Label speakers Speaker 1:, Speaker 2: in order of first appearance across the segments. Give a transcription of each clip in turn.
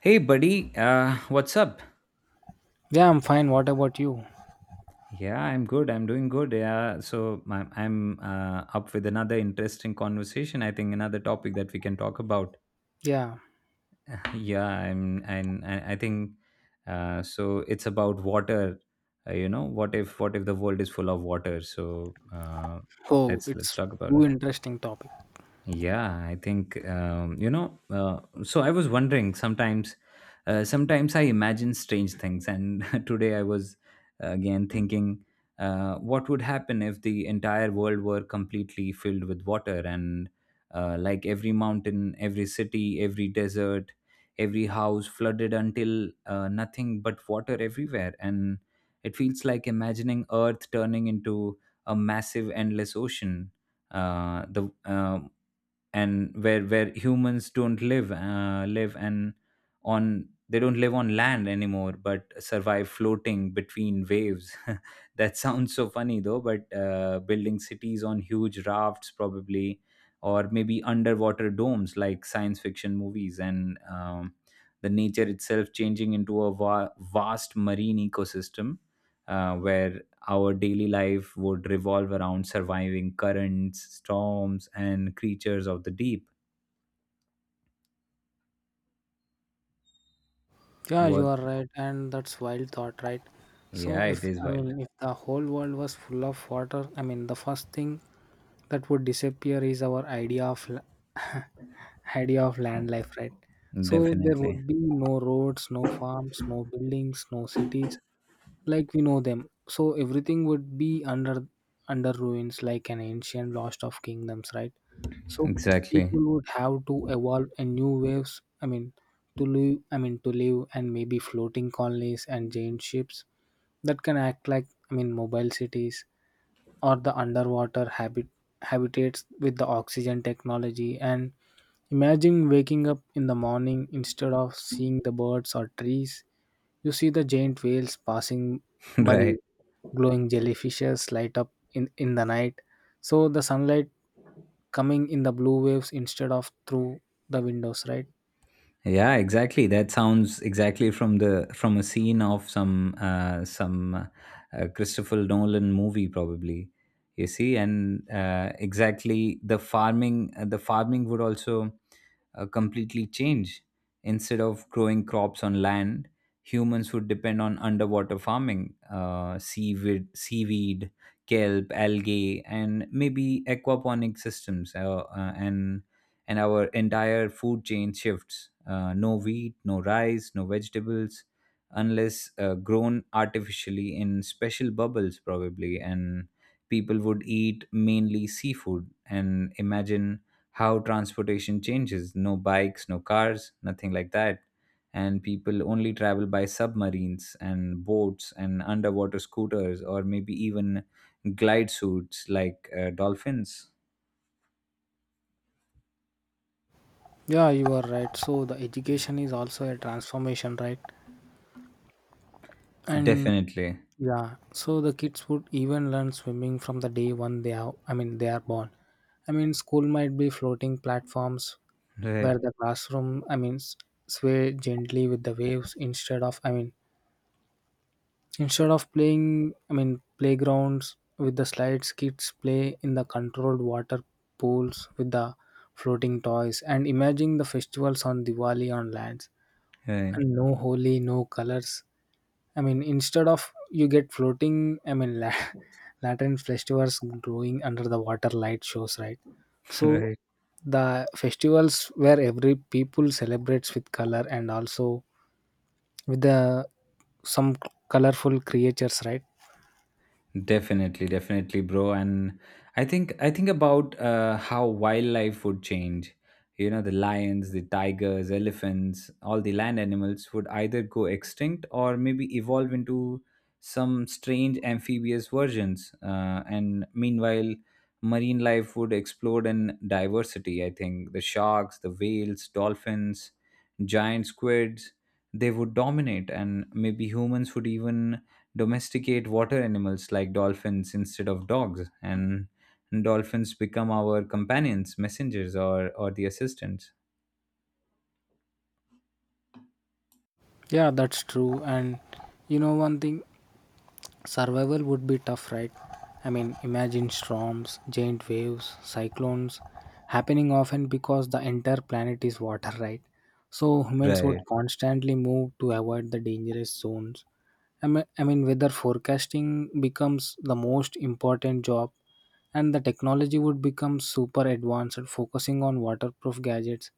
Speaker 1: Hey, buddy. What's up?
Speaker 2: Yeah, I'm fine. What about you?
Speaker 1: Yeah, I'm good. I'm doing good. Yeah. So I'm up with another interesting conversation. I think another topic that we can talk about.
Speaker 2: Yeah.
Speaker 1: Yeah, I'm, and I think so. It's about water. You know, what if the world is full of water? So uh,
Speaker 2: Oh,
Speaker 1: let's let's
Speaker 2: it's
Speaker 1: talk about it.
Speaker 2: too interesting topic.
Speaker 1: Yeah, I think I was wondering sometimes. Sometimes I imagine strange things, and today I was again thinking, what would happen if the entire world were completely filled with water, and like every mountain, every city, every desert, every house flooded until nothing but water everywhere, and it feels like imagining Earth turning into a massive, endless ocean the and where humans don't live live and on they don't live on land anymore but survive floating between waves. That sounds so funny, though, but building cities on huge rafts, probably, or maybe underwater domes like science fiction movies, and the nature itself changing into a vast marine ecosystem where our daily life would revolve around surviving currents, storms, and creatures of the deep.
Speaker 2: Yeah, you
Speaker 1: What?
Speaker 2: are right, and that's wild thought, right? So
Speaker 1: Yeah, it
Speaker 2: if
Speaker 1: is
Speaker 2: I
Speaker 1: wild.
Speaker 2: mean if the whole world was full of water, the first thing that would disappear is our idea of la- idea of land life, right? So there
Speaker 1: Definitely.
Speaker 2: would be no roads, no farms, no buildings, no cities, like we know them. So everything would be under ruins, like an ancient lost of kingdoms, right? So
Speaker 1: Exactly.
Speaker 2: people would have to evolve a new waves. To live and maybe floating colonies and giant ships that can act like mobile cities or the underwater habitats with the oxygen technology, and imagine waking up in the morning. Instead of seeing the birds or trees, you see the giant whales passing by,
Speaker 1: Right.
Speaker 2: glowing jellyfishes light up in the night. So the sunlight coming in the blue waves instead of through the windows, right?
Speaker 1: Yeah, exactly. That sounds exactly from the from a scene of some Christopher Nolan movie, probably. You see, and exactly the farming would also completely change. Instead of growing crops on land, humans would depend on underwater farming, seaweed, kelp, algae, and maybe aquaponic systems, and our entire food chain shifts. No wheat, no rice, no vegetables, unless grown artificially in special bubbles, probably. And people would eat mainly seafood. And imagine how transportation changes. No bikes, no cars, nothing like that. And people only travel by submarines and boats and underwater scooters, or maybe even glide suits like dolphins.
Speaker 2: Yeah, you are right. So the education is also a transformation, right? And
Speaker 1: Definitely.
Speaker 2: yeah, so the kids would even learn swimming from the day one they are, they are born. School might be floating platforms
Speaker 1: Right.
Speaker 2: where the classroom, sway gently with the waves instead of, instead of playing, playgrounds with the slides. Kids play in the controlled water pools with the floating toys, and imagine the festivals on Diwali on lands
Speaker 1: Right.
Speaker 2: and no holy, no colors. Instead of, you get floating, I mean, la- Latin festivals growing under the water light shows, right? So
Speaker 1: Right.
Speaker 2: the festivals where every people celebrates with color and also with the some colorful creatures, right?
Speaker 1: Definitely, definitely, bro. And I think about how wildlife would change. You know, the lions, the tigers, elephants, all the land animals would either go extinct or maybe evolve into some strange amphibious versions. And meanwhile, marine life would explode in diversity. I think the sharks, the whales, dolphins, giant squids, they would dominate, and maybe humans would even domesticate water animals like dolphins instead of dogs, and dolphins become our companions, messengers, or the assistants.
Speaker 2: Yeah, that's true. And you know, one thing, survival would be tough, right? Imagine storms, giant waves, cyclones happening often because the entire planet is water, right? So humans would
Speaker 1: Right.
Speaker 2: constantly move to avoid the dangerous zones. Weather forecasting becomes the most important job, and the technology would become super advanced, focusing on waterproof gadgets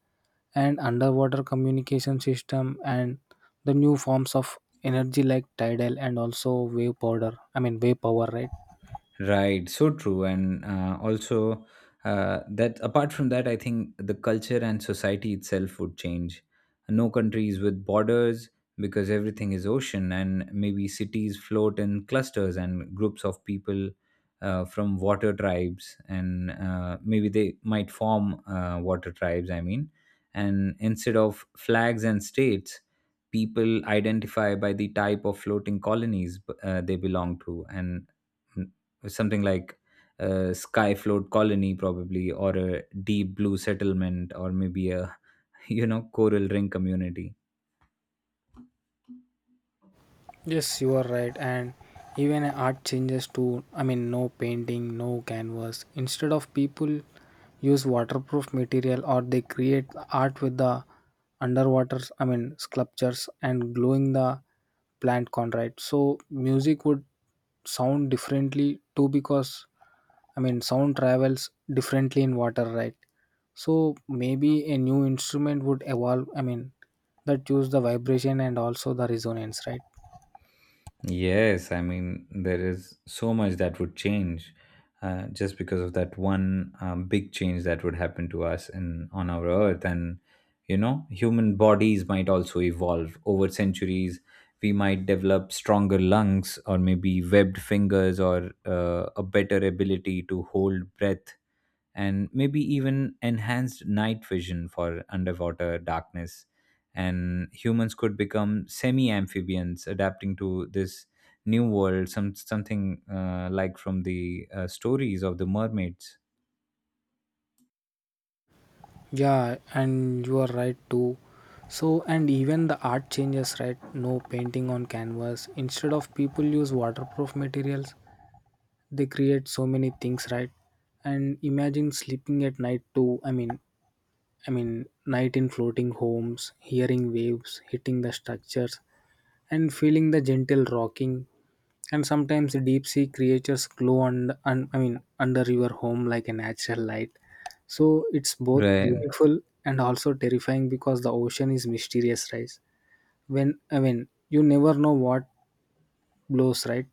Speaker 2: and underwater communication system and the new forms of energy like tidal and also wave powder I mean wave power, right?
Speaker 1: Right, so true. And also, that, apart from that, I think the culture and society itself would change. No countries with borders, because everything is ocean, and maybe cities float in clusters and groups of people from water tribes, and maybe they might form water tribes. I mean, and instead of flags and states, people identify by the type of floating colonies they belong to, and mm, something like a sky float colony, probably, or a deep blue settlement, or maybe a you know, coral ring community.
Speaker 2: Yes, you are right. And even art changes to, no painting, no canvas. Instead of people use waterproof material, or they create art with the underwater, sculptures and glowing the plant con, right? So music would sound differently too because, sound travels differently in water, right? So maybe a new instrument would evolve, that use the vibration and also the resonance, right?
Speaker 1: Yes, I mean, there is so much that would change just because of that one big change that would happen to us in on our Earth. And, you know, human bodies might also evolve over centuries. We might develop stronger lungs, or maybe webbed fingers, or a better ability to hold breath, and maybe even enhanced night vision for underwater darkness. And humans could become semi amphibians adapting to this new world, something like from the stories of the mermaids.
Speaker 2: Yeah, and you are right too. So, and even the art changes, right? No painting on canvas. Instead of people use waterproof materials, they create so many things, right? And imagine sleeping at night too. Night in floating homes, hearing waves hitting the structures, and feeling the gentle rocking, and sometimes deep sea creatures glow and under your home like a natural light. So it's both
Speaker 1: Right.
Speaker 2: beautiful and also terrifying because the ocean is mysterious, right? When you never know what blows, right?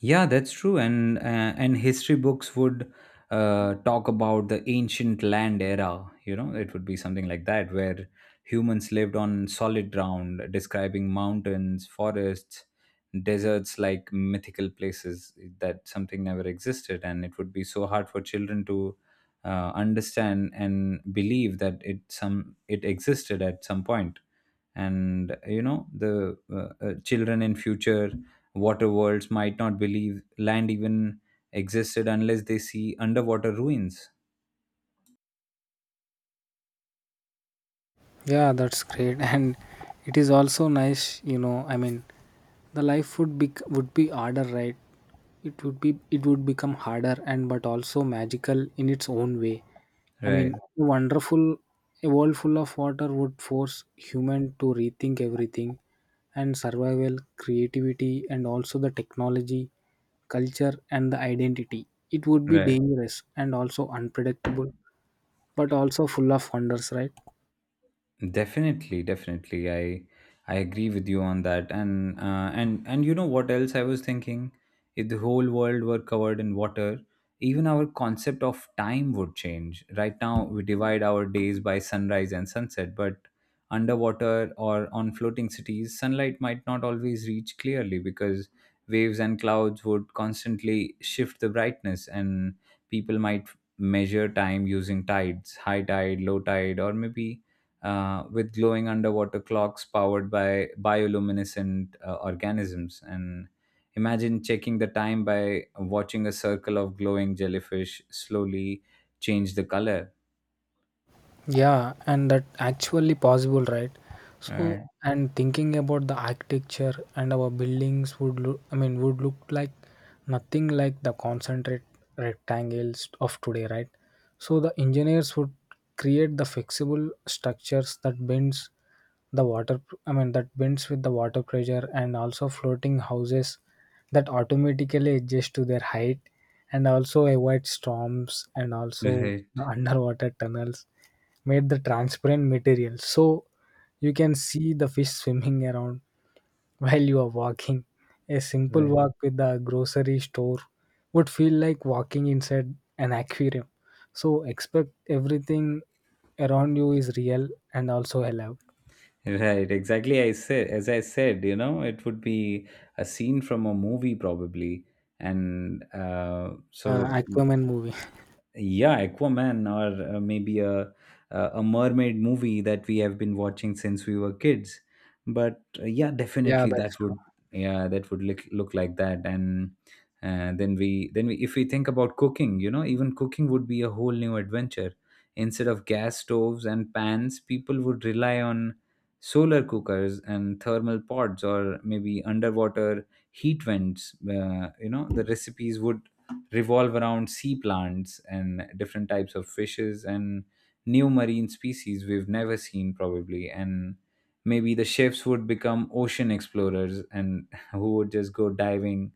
Speaker 1: Yeah, that's true. And history books would talk about the ancient land era. You know, it would be something like that, where humans lived on solid ground, describing mountains, forests, deserts like mythical places that something never existed, and it would be so hard for children to understand and believe that it some it existed at some point. And you know the children in future water worlds might not believe land even existed unless they see underwater ruins.
Speaker 2: Yeah, that's great. And it is also nice, you know, the life would be harder, right? It would be it would become harder, and but also magical in its own way. I mean,
Speaker 1: Right,
Speaker 2: a wonderful a world full of water would force human to rethink everything, and survival, creativity, and also the technology, culture, and the identity. It would be
Speaker 1: right.
Speaker 2: dangerous and also unpredictable, but also full of wonders, right?
Speaker 1: Definitely, definitely. I agree with you on that. And you know what else I was thinking? If the whole world were covered in water, even our concept of time would change. Right now, we divide our days by sunrise and sunset, but underwater or on floating cities, sunlight might not always reach clearly because waves and clouds would constantly shift the brightness, and people might measure time using tides, high tide, low tide, or maybe with glowing underwater clocks powered by bioluminescent organisms. And imagine checking the time by watching a circle of glowing jellyfish slowly change the color.
Speaker 2: Yeah, and that actually possible, right? So,
Speaker 1: Right,
Speaker 2: and thinking about the architecture and our buildings would look, would look like nothing like the concentrate rectangles of today, right? So the engineers would create the flexible structures that bends the water, that bends with the water pressure, and also floating houses that automatically adjust to their height and also avoid storms, and also
Speaker 1: right,
Speaker 2: the underwater tunnels made the transparent material, so you can see the fish swimming around while you are walking. A simple
Speaker 1: right.
Speaker 2: walk with the grocery store would feel like walking inside an aquarium, so expect everything around you is real and also alive.
Speaker 1: Right, exactly. I said, as I said, you know, it would be a scene from a movie, probably, and
Speaker 2: Uh, aquaman movie.
Speaker 1: yeah, aquaman, or maybe a a mermaid movie that we have been watching since we were kids, but yeah,
Speaker 2: Yeah,
Speaker 1: definitely
Speaker 2: that's...
Speaker 1: that would, yeah, that would look, look like that. And then we if we think about cooking, you know, even cooking would be a whole new adventure. Instead of gas stoves and pans, people would rely on solar cookers and thermal pods, or maybe underwater heat vents. You know, the recipes would revolve around sea plants and different types of fishes and new marine species we've never seen, probably. And maybe the chefs would become ocean explorers and who would just go diving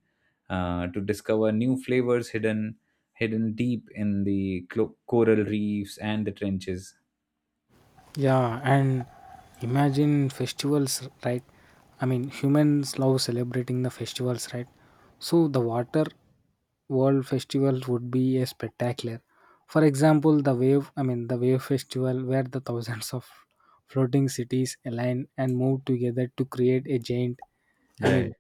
Speaker 1: to discover new flavors hidden deep in the coral reefs and the trenches.
Speaker 2: Yeah, and imagine festivals, right? Humans love celebrating the festivals, right? So the water world festival would be a spectacular. For example, the wave festival where the thousands of floating cities align and move together to create a giant, I mean,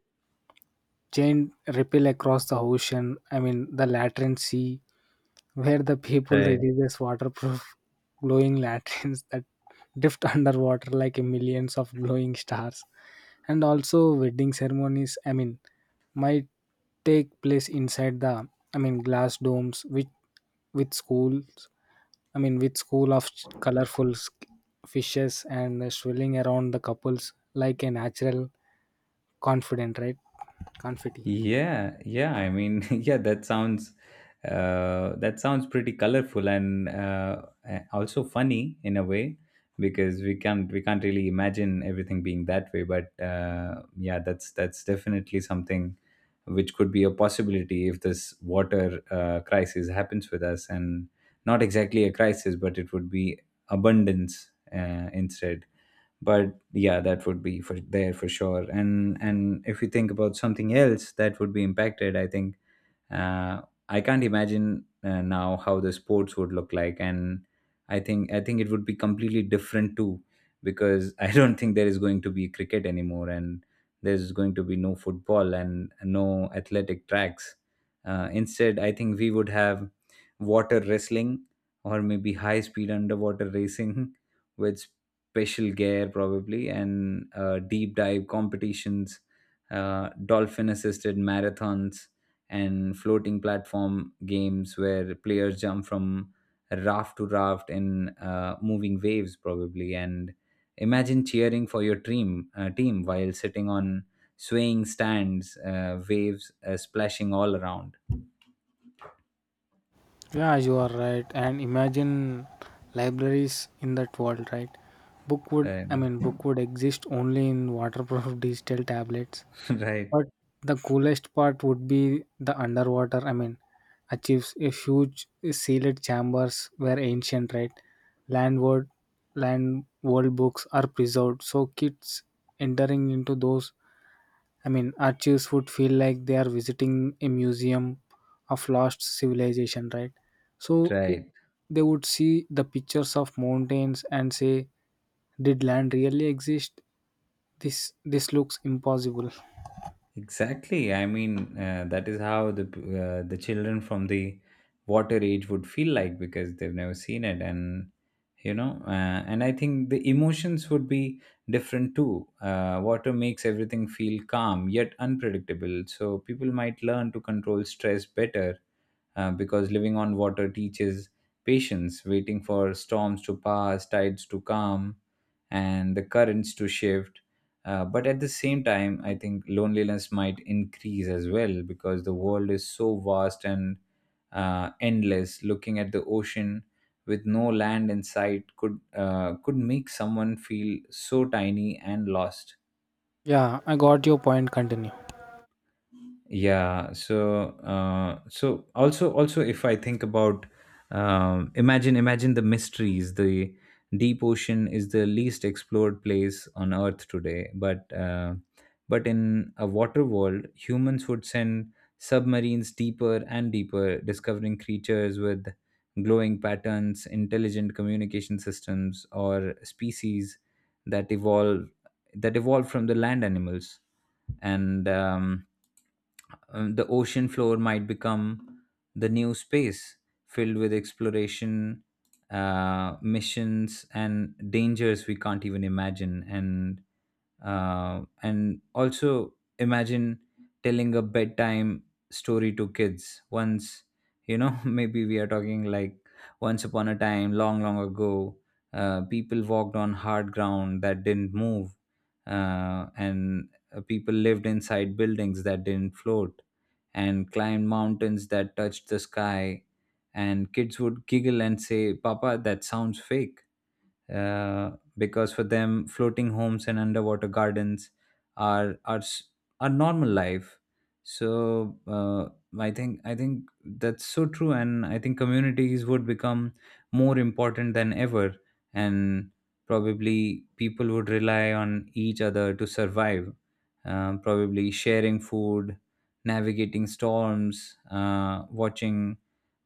Speaker 2: giant ripple across the ocean. The Latin Sea, where the people releases waterproof glowing lanterns that drift underwater like millions of glowing stars. And also wedding ceremonies. Might take place inside the glass domes which with schools, with school of colorful fishes and swirling around the couples like a natural confident, right? Confetti.
Speaker 1: Yeah, yeah. I mean, yeah, that sounds pretty colorful and also funny in a way, because we can't really imagine everything being that way. But yeah, that's definitely something which could be a possibility if this water crisis happens with us. And not exactly a crisis, but it would be abundance, instead. But yeah, that would be for there for sure. And if you think about something else that would be impacted, I think, uh, I can't imagine now how the sports would look like. And I think it would be completely different too, because I don't think there is going to be cricket anymore, and there's going to be no football and no athletic tracks. Instead, I think we would have water wrestling, or maybe high speed underwater racing with special gear, probably, and deep dive competitions, dolphin assisted marathons, and floating platform games where players jump from raft to raft in moving waves, probably. And imagine cheering for your team while sitting on swaying stands, waves splashing all around.
Speaker 2: Yeah, you are right. And imagine libraries in that world, right?
Speaker 1: Right.
Speaker 2: Book would exist only in waterproof digital tablets.
Speaker 1: Right,
Speaker 2: But the coolest part would be the underwater. Achieves a huge sealed chambers where ancient, right, landward, land world books are preserved. So kids entering into those, archives would feel like they are visiting a museum of lost civilization, right? So it,
Speaker 1: right.
Speaker 2: they would see the pictures of mountains and say, "Did land really exist? This looks impossible."
Speaker 1: Exactly. I mean, that is how the the children from the water age would feel like because they've never seen it. And you know, and I think the emotions would be different too. Water makes everything feel calm yet unpredictable, so people might learn to control stress better because living on water teaches patience, waiting for storms to pass, tides to calm, and the currents to shift. But at the same time, I think loneliness might increase as well because the world is so vast and endless. Looking at the ocean with no land in sight could make someone feel so tiny and lost.
Speaker 2: Yeah, I got your point. Continue.
Speaker 1: Yeah, so also, if I think about, imagine the mysteries. The deep ocean is the least explored place on Earth today, but in a water world, humans would send submarines deeper and deeper, discovering creatures with glowing patterns, intelligent communication systems, or species that evolve that evolve from the land animals. And the ocean floor might become the new space, filled with exploration missions and dangers we can't even imagine. And and also imagine telling a bedtime story to kids once, you know. Maybe we are talking like, once upon a time, long long ago, people walked on hard ground that didn't move, and people lived inside buildings that didn't float and climbed mountains that touched the sky. And kids would giggle and say, papa, that sounds fake, uh, because for them, floating homes and underwater gardens are are s- are normal life. So uh, I think that's so true. And I think communities would become more important than ever, and probably people would rely on each other to survive, probably sharing food, navigating storms,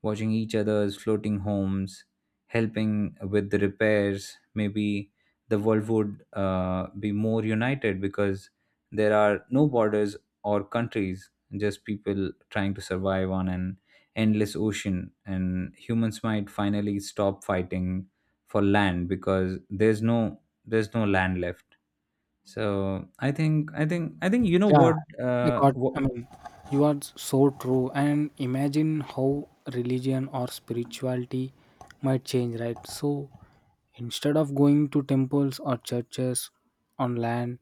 Speaker 1: watching each other's floating homes, helping with the repairs. Maybe the world would be more united because there are no borders or countries, just people trying to survive on an endless ocean. And humans might finally stop fighting for land, because there's no land left. So I think I think I think you know
Speaker 2: Yeah, I got.
Speaker 1: what
Speaker 2: You are so true. And imagine how religion or spirituality might change, right? So instead of going to temples or churches on land,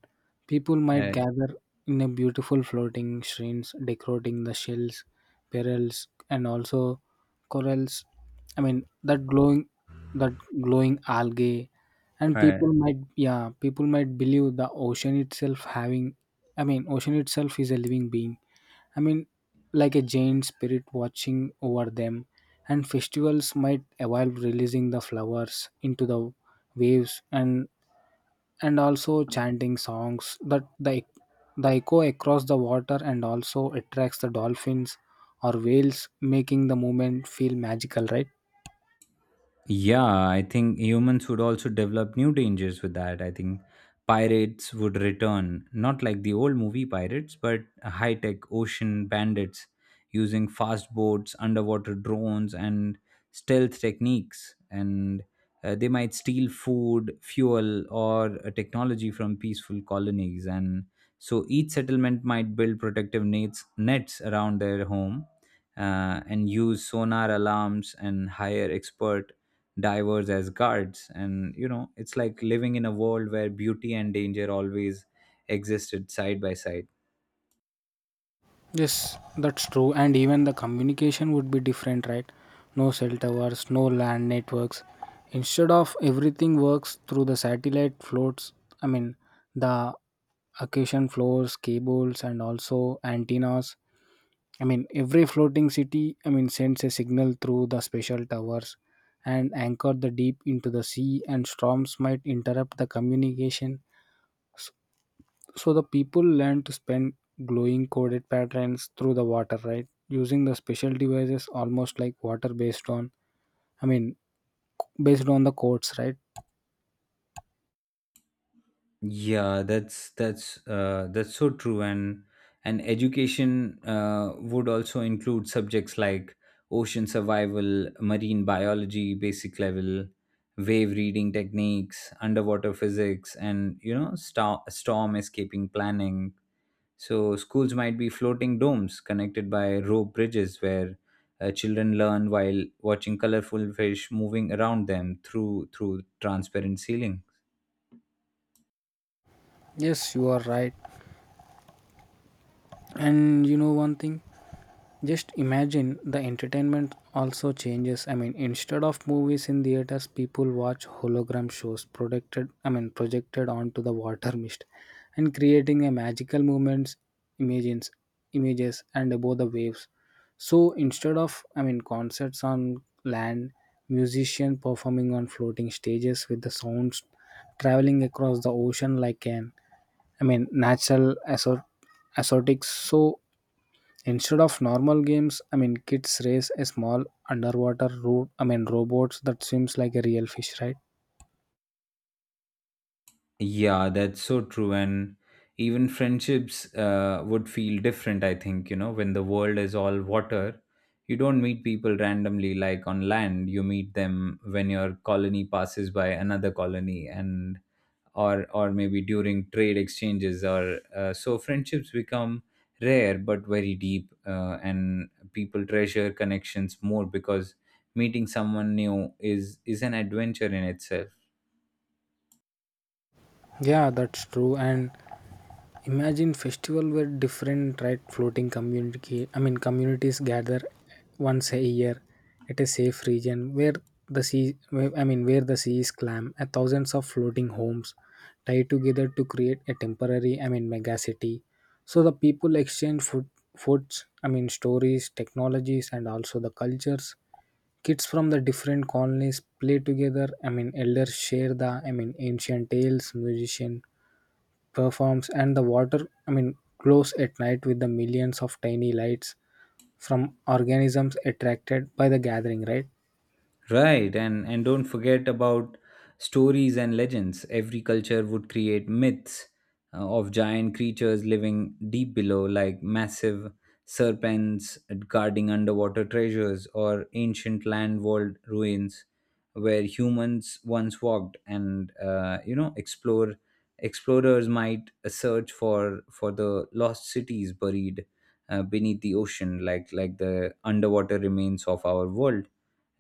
Speaker 2: people might gather in a beautiful floating shrines, decorating the shells, perils, and also corals. I mean, that glowing, that glowing algae, and
Speaker 1: uh,
Speaker 2: people might, yeah, people might believe the ocean itself having, ocean itself is a living being, i mean like a giant spirit watching over them. And festivals might evolve, releasing the flowers into the waves and also chanting songs that the echo across the water and also attracts the dolphins or whales, making the movement feel magical, right?
Speaker 1: Yeah, I think humans would also develop new dangers with that. I think pirates would return, not like the old movie pirates, but high tech ocean bandits using fast boats, underwater drones, and stealth techniques. And they might steal food, fuel, or technology from peaceful colonies. And so each settlement might build protective nets around their home and use sonar alarms and hire expert divers as guards, and you know it's like living in a world where beauty and danger always existed side by side.
Speaker 2: Yes, that's true. And even the communication would be different, right? No cell towers, no land networks. Instead of everything works through the satellite floats, I mean, the occasion floors, cables, and also antennas. Every floating city, sends a signal through the special towers and anchor the deep into the sea, and storms might interrupt the communication. So the people learn to spend glowing coded patterns through the water, right? Using the special devices almost like water based on, I mean, based on the codes, right?
Speaker 1: That's so true. And education would also include subjects like ocean survival, marine biology basic level, wave reading techniques, underwater physics, and you know, storm escaping planning. So schools might be floating domes connected by rope bridges where children learn while watching colorful fish moving around them through transparent ceiling.
Speaker 2: Yes, you are right. And you know one thing? Just imagine the entertainment also changes. Instead of movies in theaters, people watch hologram shows projected. Projected onto the water mist, and creating a magical moments, images, images, and above the waves. So instead of, concerts on land, musicians performing on floating stages with the sounds traveling across the ocean like an, natural exotics. So instead of normal games, kids race a small underwater robots that swims like a real fish, right?
Speaker 1: Yeah, that's so true. And even friendships would feel different, I think, you know, when the world is all water. You don't meet people randomly like on land. You meet them when your colony passes by another colony, and or maybe during trade exchanges, or so friendships become rare but very deep, and people treasure connections more because meeting someone new is an adventure in itself.
Speaker 2: Yeah, that's true. And imagine festival where different, right, floating community, communities gather once a year at a safe region where the sea, where, where the sea is calm, and thousands of floating homes tied together to create a temporary, mega city. So the people exchange food foods I mean stories, technologies, and also the cultures. Kids from the different colonies play together, elders share the, ancient tales, musician performs, and the water, glows at night with the millions of tiny lights from organisms attracted by the gathering, right?
Speaker 1: Right, and don't forget about stories and legends. Every culture would create myths of giant creatures living deep below, like massive serpents guarding underwater treasures, or ancient land world ruins where humans once walked. And you know, explorers might search for the lost cities buried beneath the ocean, like the underwater remains of our world,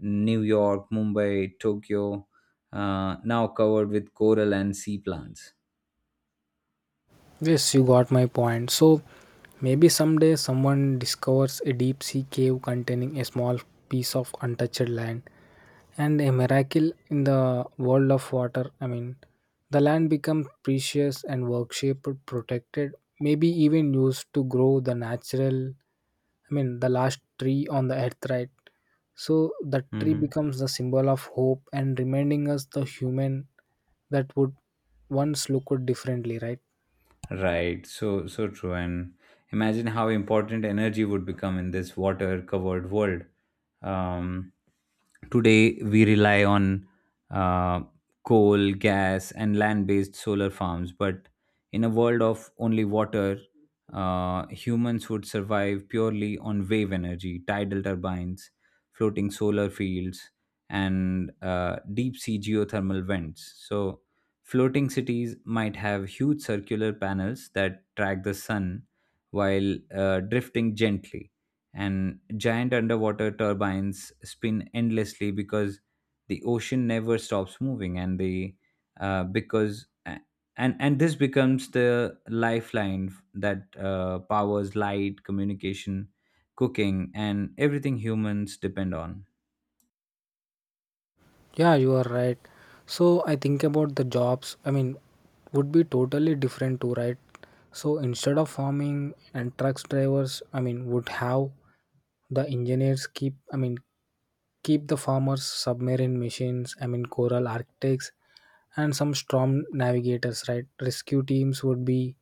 Speaker 1: New York, Mumbai, Tokyo, now covered with coral and sea plants.
Speaker 2: Yes, you got my point. So maybe someday someone discovers a deep sea cave containing a small piece of untouched land, and a miracle in the world of water. The land becomes precious and worshipped, protected, maybe even used to grow the natural, the last tree on the earth, right? So the tree
Speaker 1: Hmm.
Speaker 2: becomes the symbol of hope and reminding us the human that would once look differently, right?
Speaker 1: Right. So so true. And imagine how important energy would become in this water covered world. Um, Today we rely on uh, coal, gas, and land based solar farms. But in a world of only water, humans would survive purely on wave energy, tidal turbines, floating solar fields, and deep sea geothermal vents. So floating cities might have huge circular panels that track the sun while drifting gently, and giant underwater turbines spin endlessly because the ocean never stops moving, and the uh, because a- and this becomes the lifeline that powers light, communication, cooking, and everything humans depend on.
Speaker 2: Yeah, you are right. So I think about the jobs, would be totally different too, right? So instead of farming and trucks drivers, would have the engineers keep, keep the farmers submarine machines, coral architects and some storm navigators, right? Rescue teams would be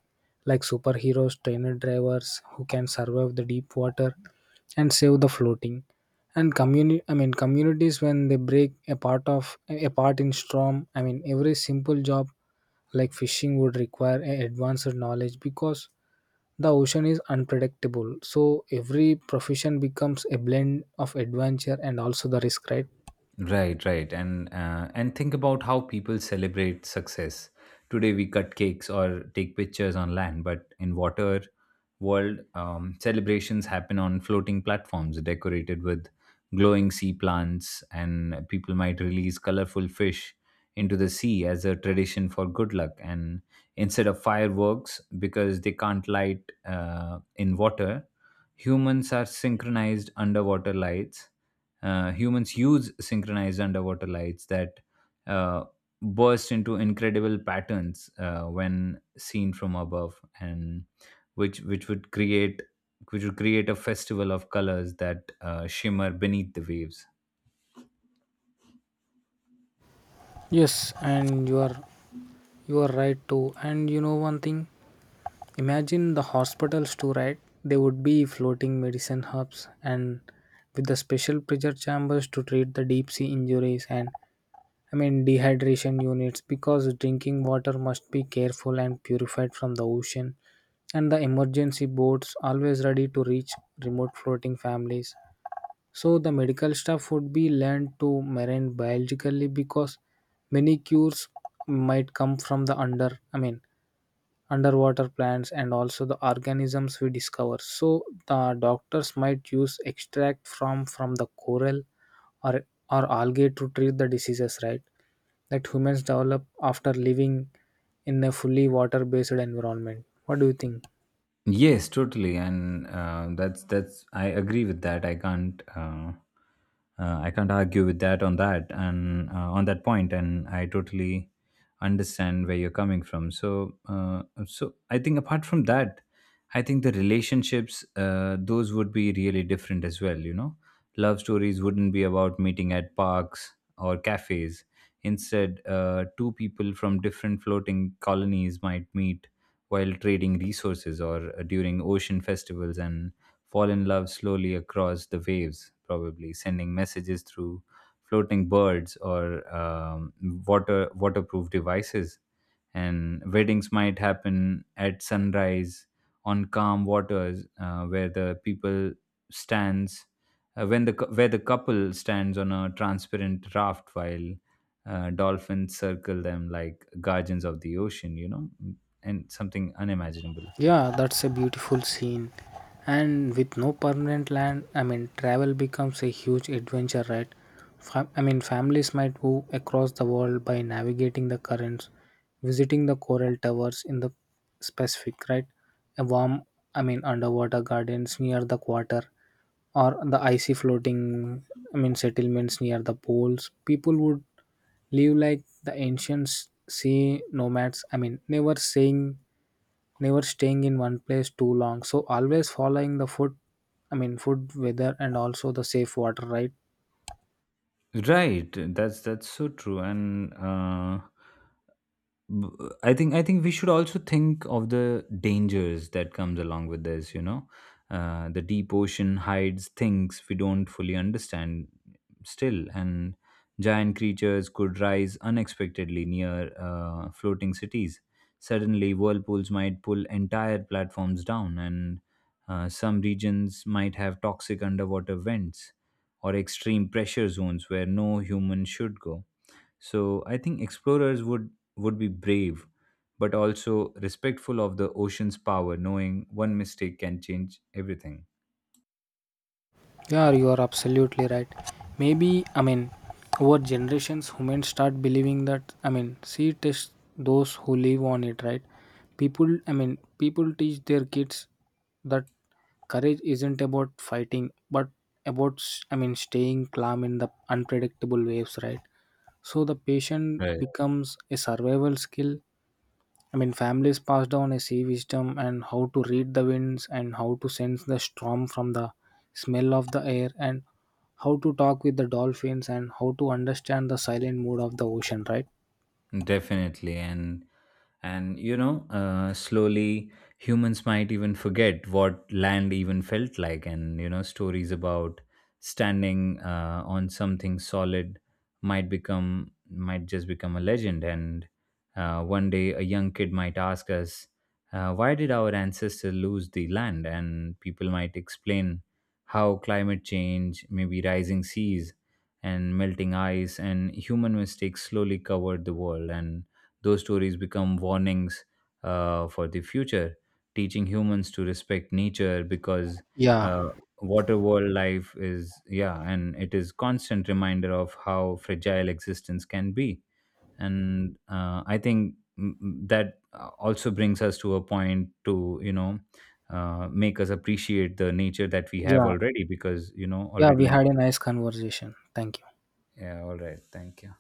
Speaker 2: like superheroes, trainer drivers who can survive the deep water and save the floating. And community, communities when they break a part of a part in storm. Every simple job like fishing would require a advanced knowledge because the ocean is unpredictable. So every profession becomes a blend of adventure and also the risk, right?
Speaker 1: Right, right, and think about how people celebrate success. Today we cut cakes or take pictures on land, but in water world, celebrations happen on floating platforms decorated with glowing sea plants, and people might release colorful fish into the sea as a tradition for good luck. And instead of fireworks, because they can't light in water, Humans are synchronized underwater lights. Humans use synchronized underwater lights that uh, burst into incredible patterns when seen from above, and which which would create which would create a festival of colors that shimmer beneath the waves.
Speaker 2: Yes, and you are right too. And you know one thing, imagine the hospitals too, right? They would be floating medicine hubs and with the special pressure chambers to treat the deep sea injuries, and dehydration units, because drinking water must be careful and purified from the ocean, and the emergency boats always ready to reach remote floating families. So the medical staff would be learned to marine biologically, because many cures might come from the under, underwater plants and also the organisms we discover. So the doctors might use extract from the coral or or algae to treat the diseases, right, that humans develop after living in a fully water based environment. What do you think?
Speaker 1: Yes, totally, and that's I agree with that. I can't argue with that on that, and on that point, and I totally understand where you're coming from. So so I think apart from that, I think the relationships those would be really different as well. You know, love stories wouldn't be about meeting at parks or cafes. Instead, two people from different floating colonies might meet while trading resources, or during ocean festivals, and fall in love slowly across the waves, probably sending messages through floating birds or waterproof devices. And weddings might happen at sunrise on calm waters where the people stands when the where the couple stands on a transparent raft while dolphins circle them like guardians of the ocean, you know, and something unimaginable.
Speaker 2: Yeah, that's a beautiful scene. And with no permanent land, travel becomes a huge adventure, right? Families might move across the world by navigating the currents, visiting the coral towers in the Pacific, right? A warm, underwater gardens near the quarter, or the icy floating, settlements near the poles. People would live like the ancient sea nomads, never staying in one place too long. So always following the food, food, weather, and also the safe water, right?
Speaker 1: Right, that's so true. B- I think we should also think of the dangers that comes along with this, you know. The deep ocean hides things we don't fully understand still, and giant creatures could rise unexpectedly near floating cities. Suddenly whirlpools might pull entire platforms down, and some regions might have toxic underwater vents or extreme pressure zones where no human should go. So I think explorers would be brave but also respectful of the ocean's power, knowing one mistake can change everything.
Speaker 2: Yeah, you are absolutely right. Maybe, over generations, humans start believing that, sea test those who live on it, right? People teach their kids that courage isn't about fighting, but about staying calm in the unpredictable waves, right? So the patient becomes a survival skill. Families pass down a sea wisdom, and how to read the winds and how to sense the storm from the smell of the air, and how to talk with the dolphins, and how to understand the silent mood of the ocean, right?
Speaker 1: Definitely, and you know, slowly humans might even forget what land even felt like, and you know, stories about standing on something solid might just become a legend. And one day, a young kid might ask us, "Why did our ancestors lose the land?" And people might explain how climate change, maybe rising seas, and melting ice and human mistakes slowly covered the world, and those stories become warnings for the future, teaching humans to respect nature. Because
Speaker 2: Yeah,
Speaker 1: uh, water world life is yeah, and it is constant reminder of how fragile existence can be. And I think mm, mm, that also brings us to a point to, you know, make us appreciate the nature that we have
Speaker 2: yeah,
Speaker 1: already, because you know
Speaker 2: yeah. We
Speaker 1: already.
Speaker 2: had a nice conversation. Thank you.
Speaker 1: Yeah, all right, thank you.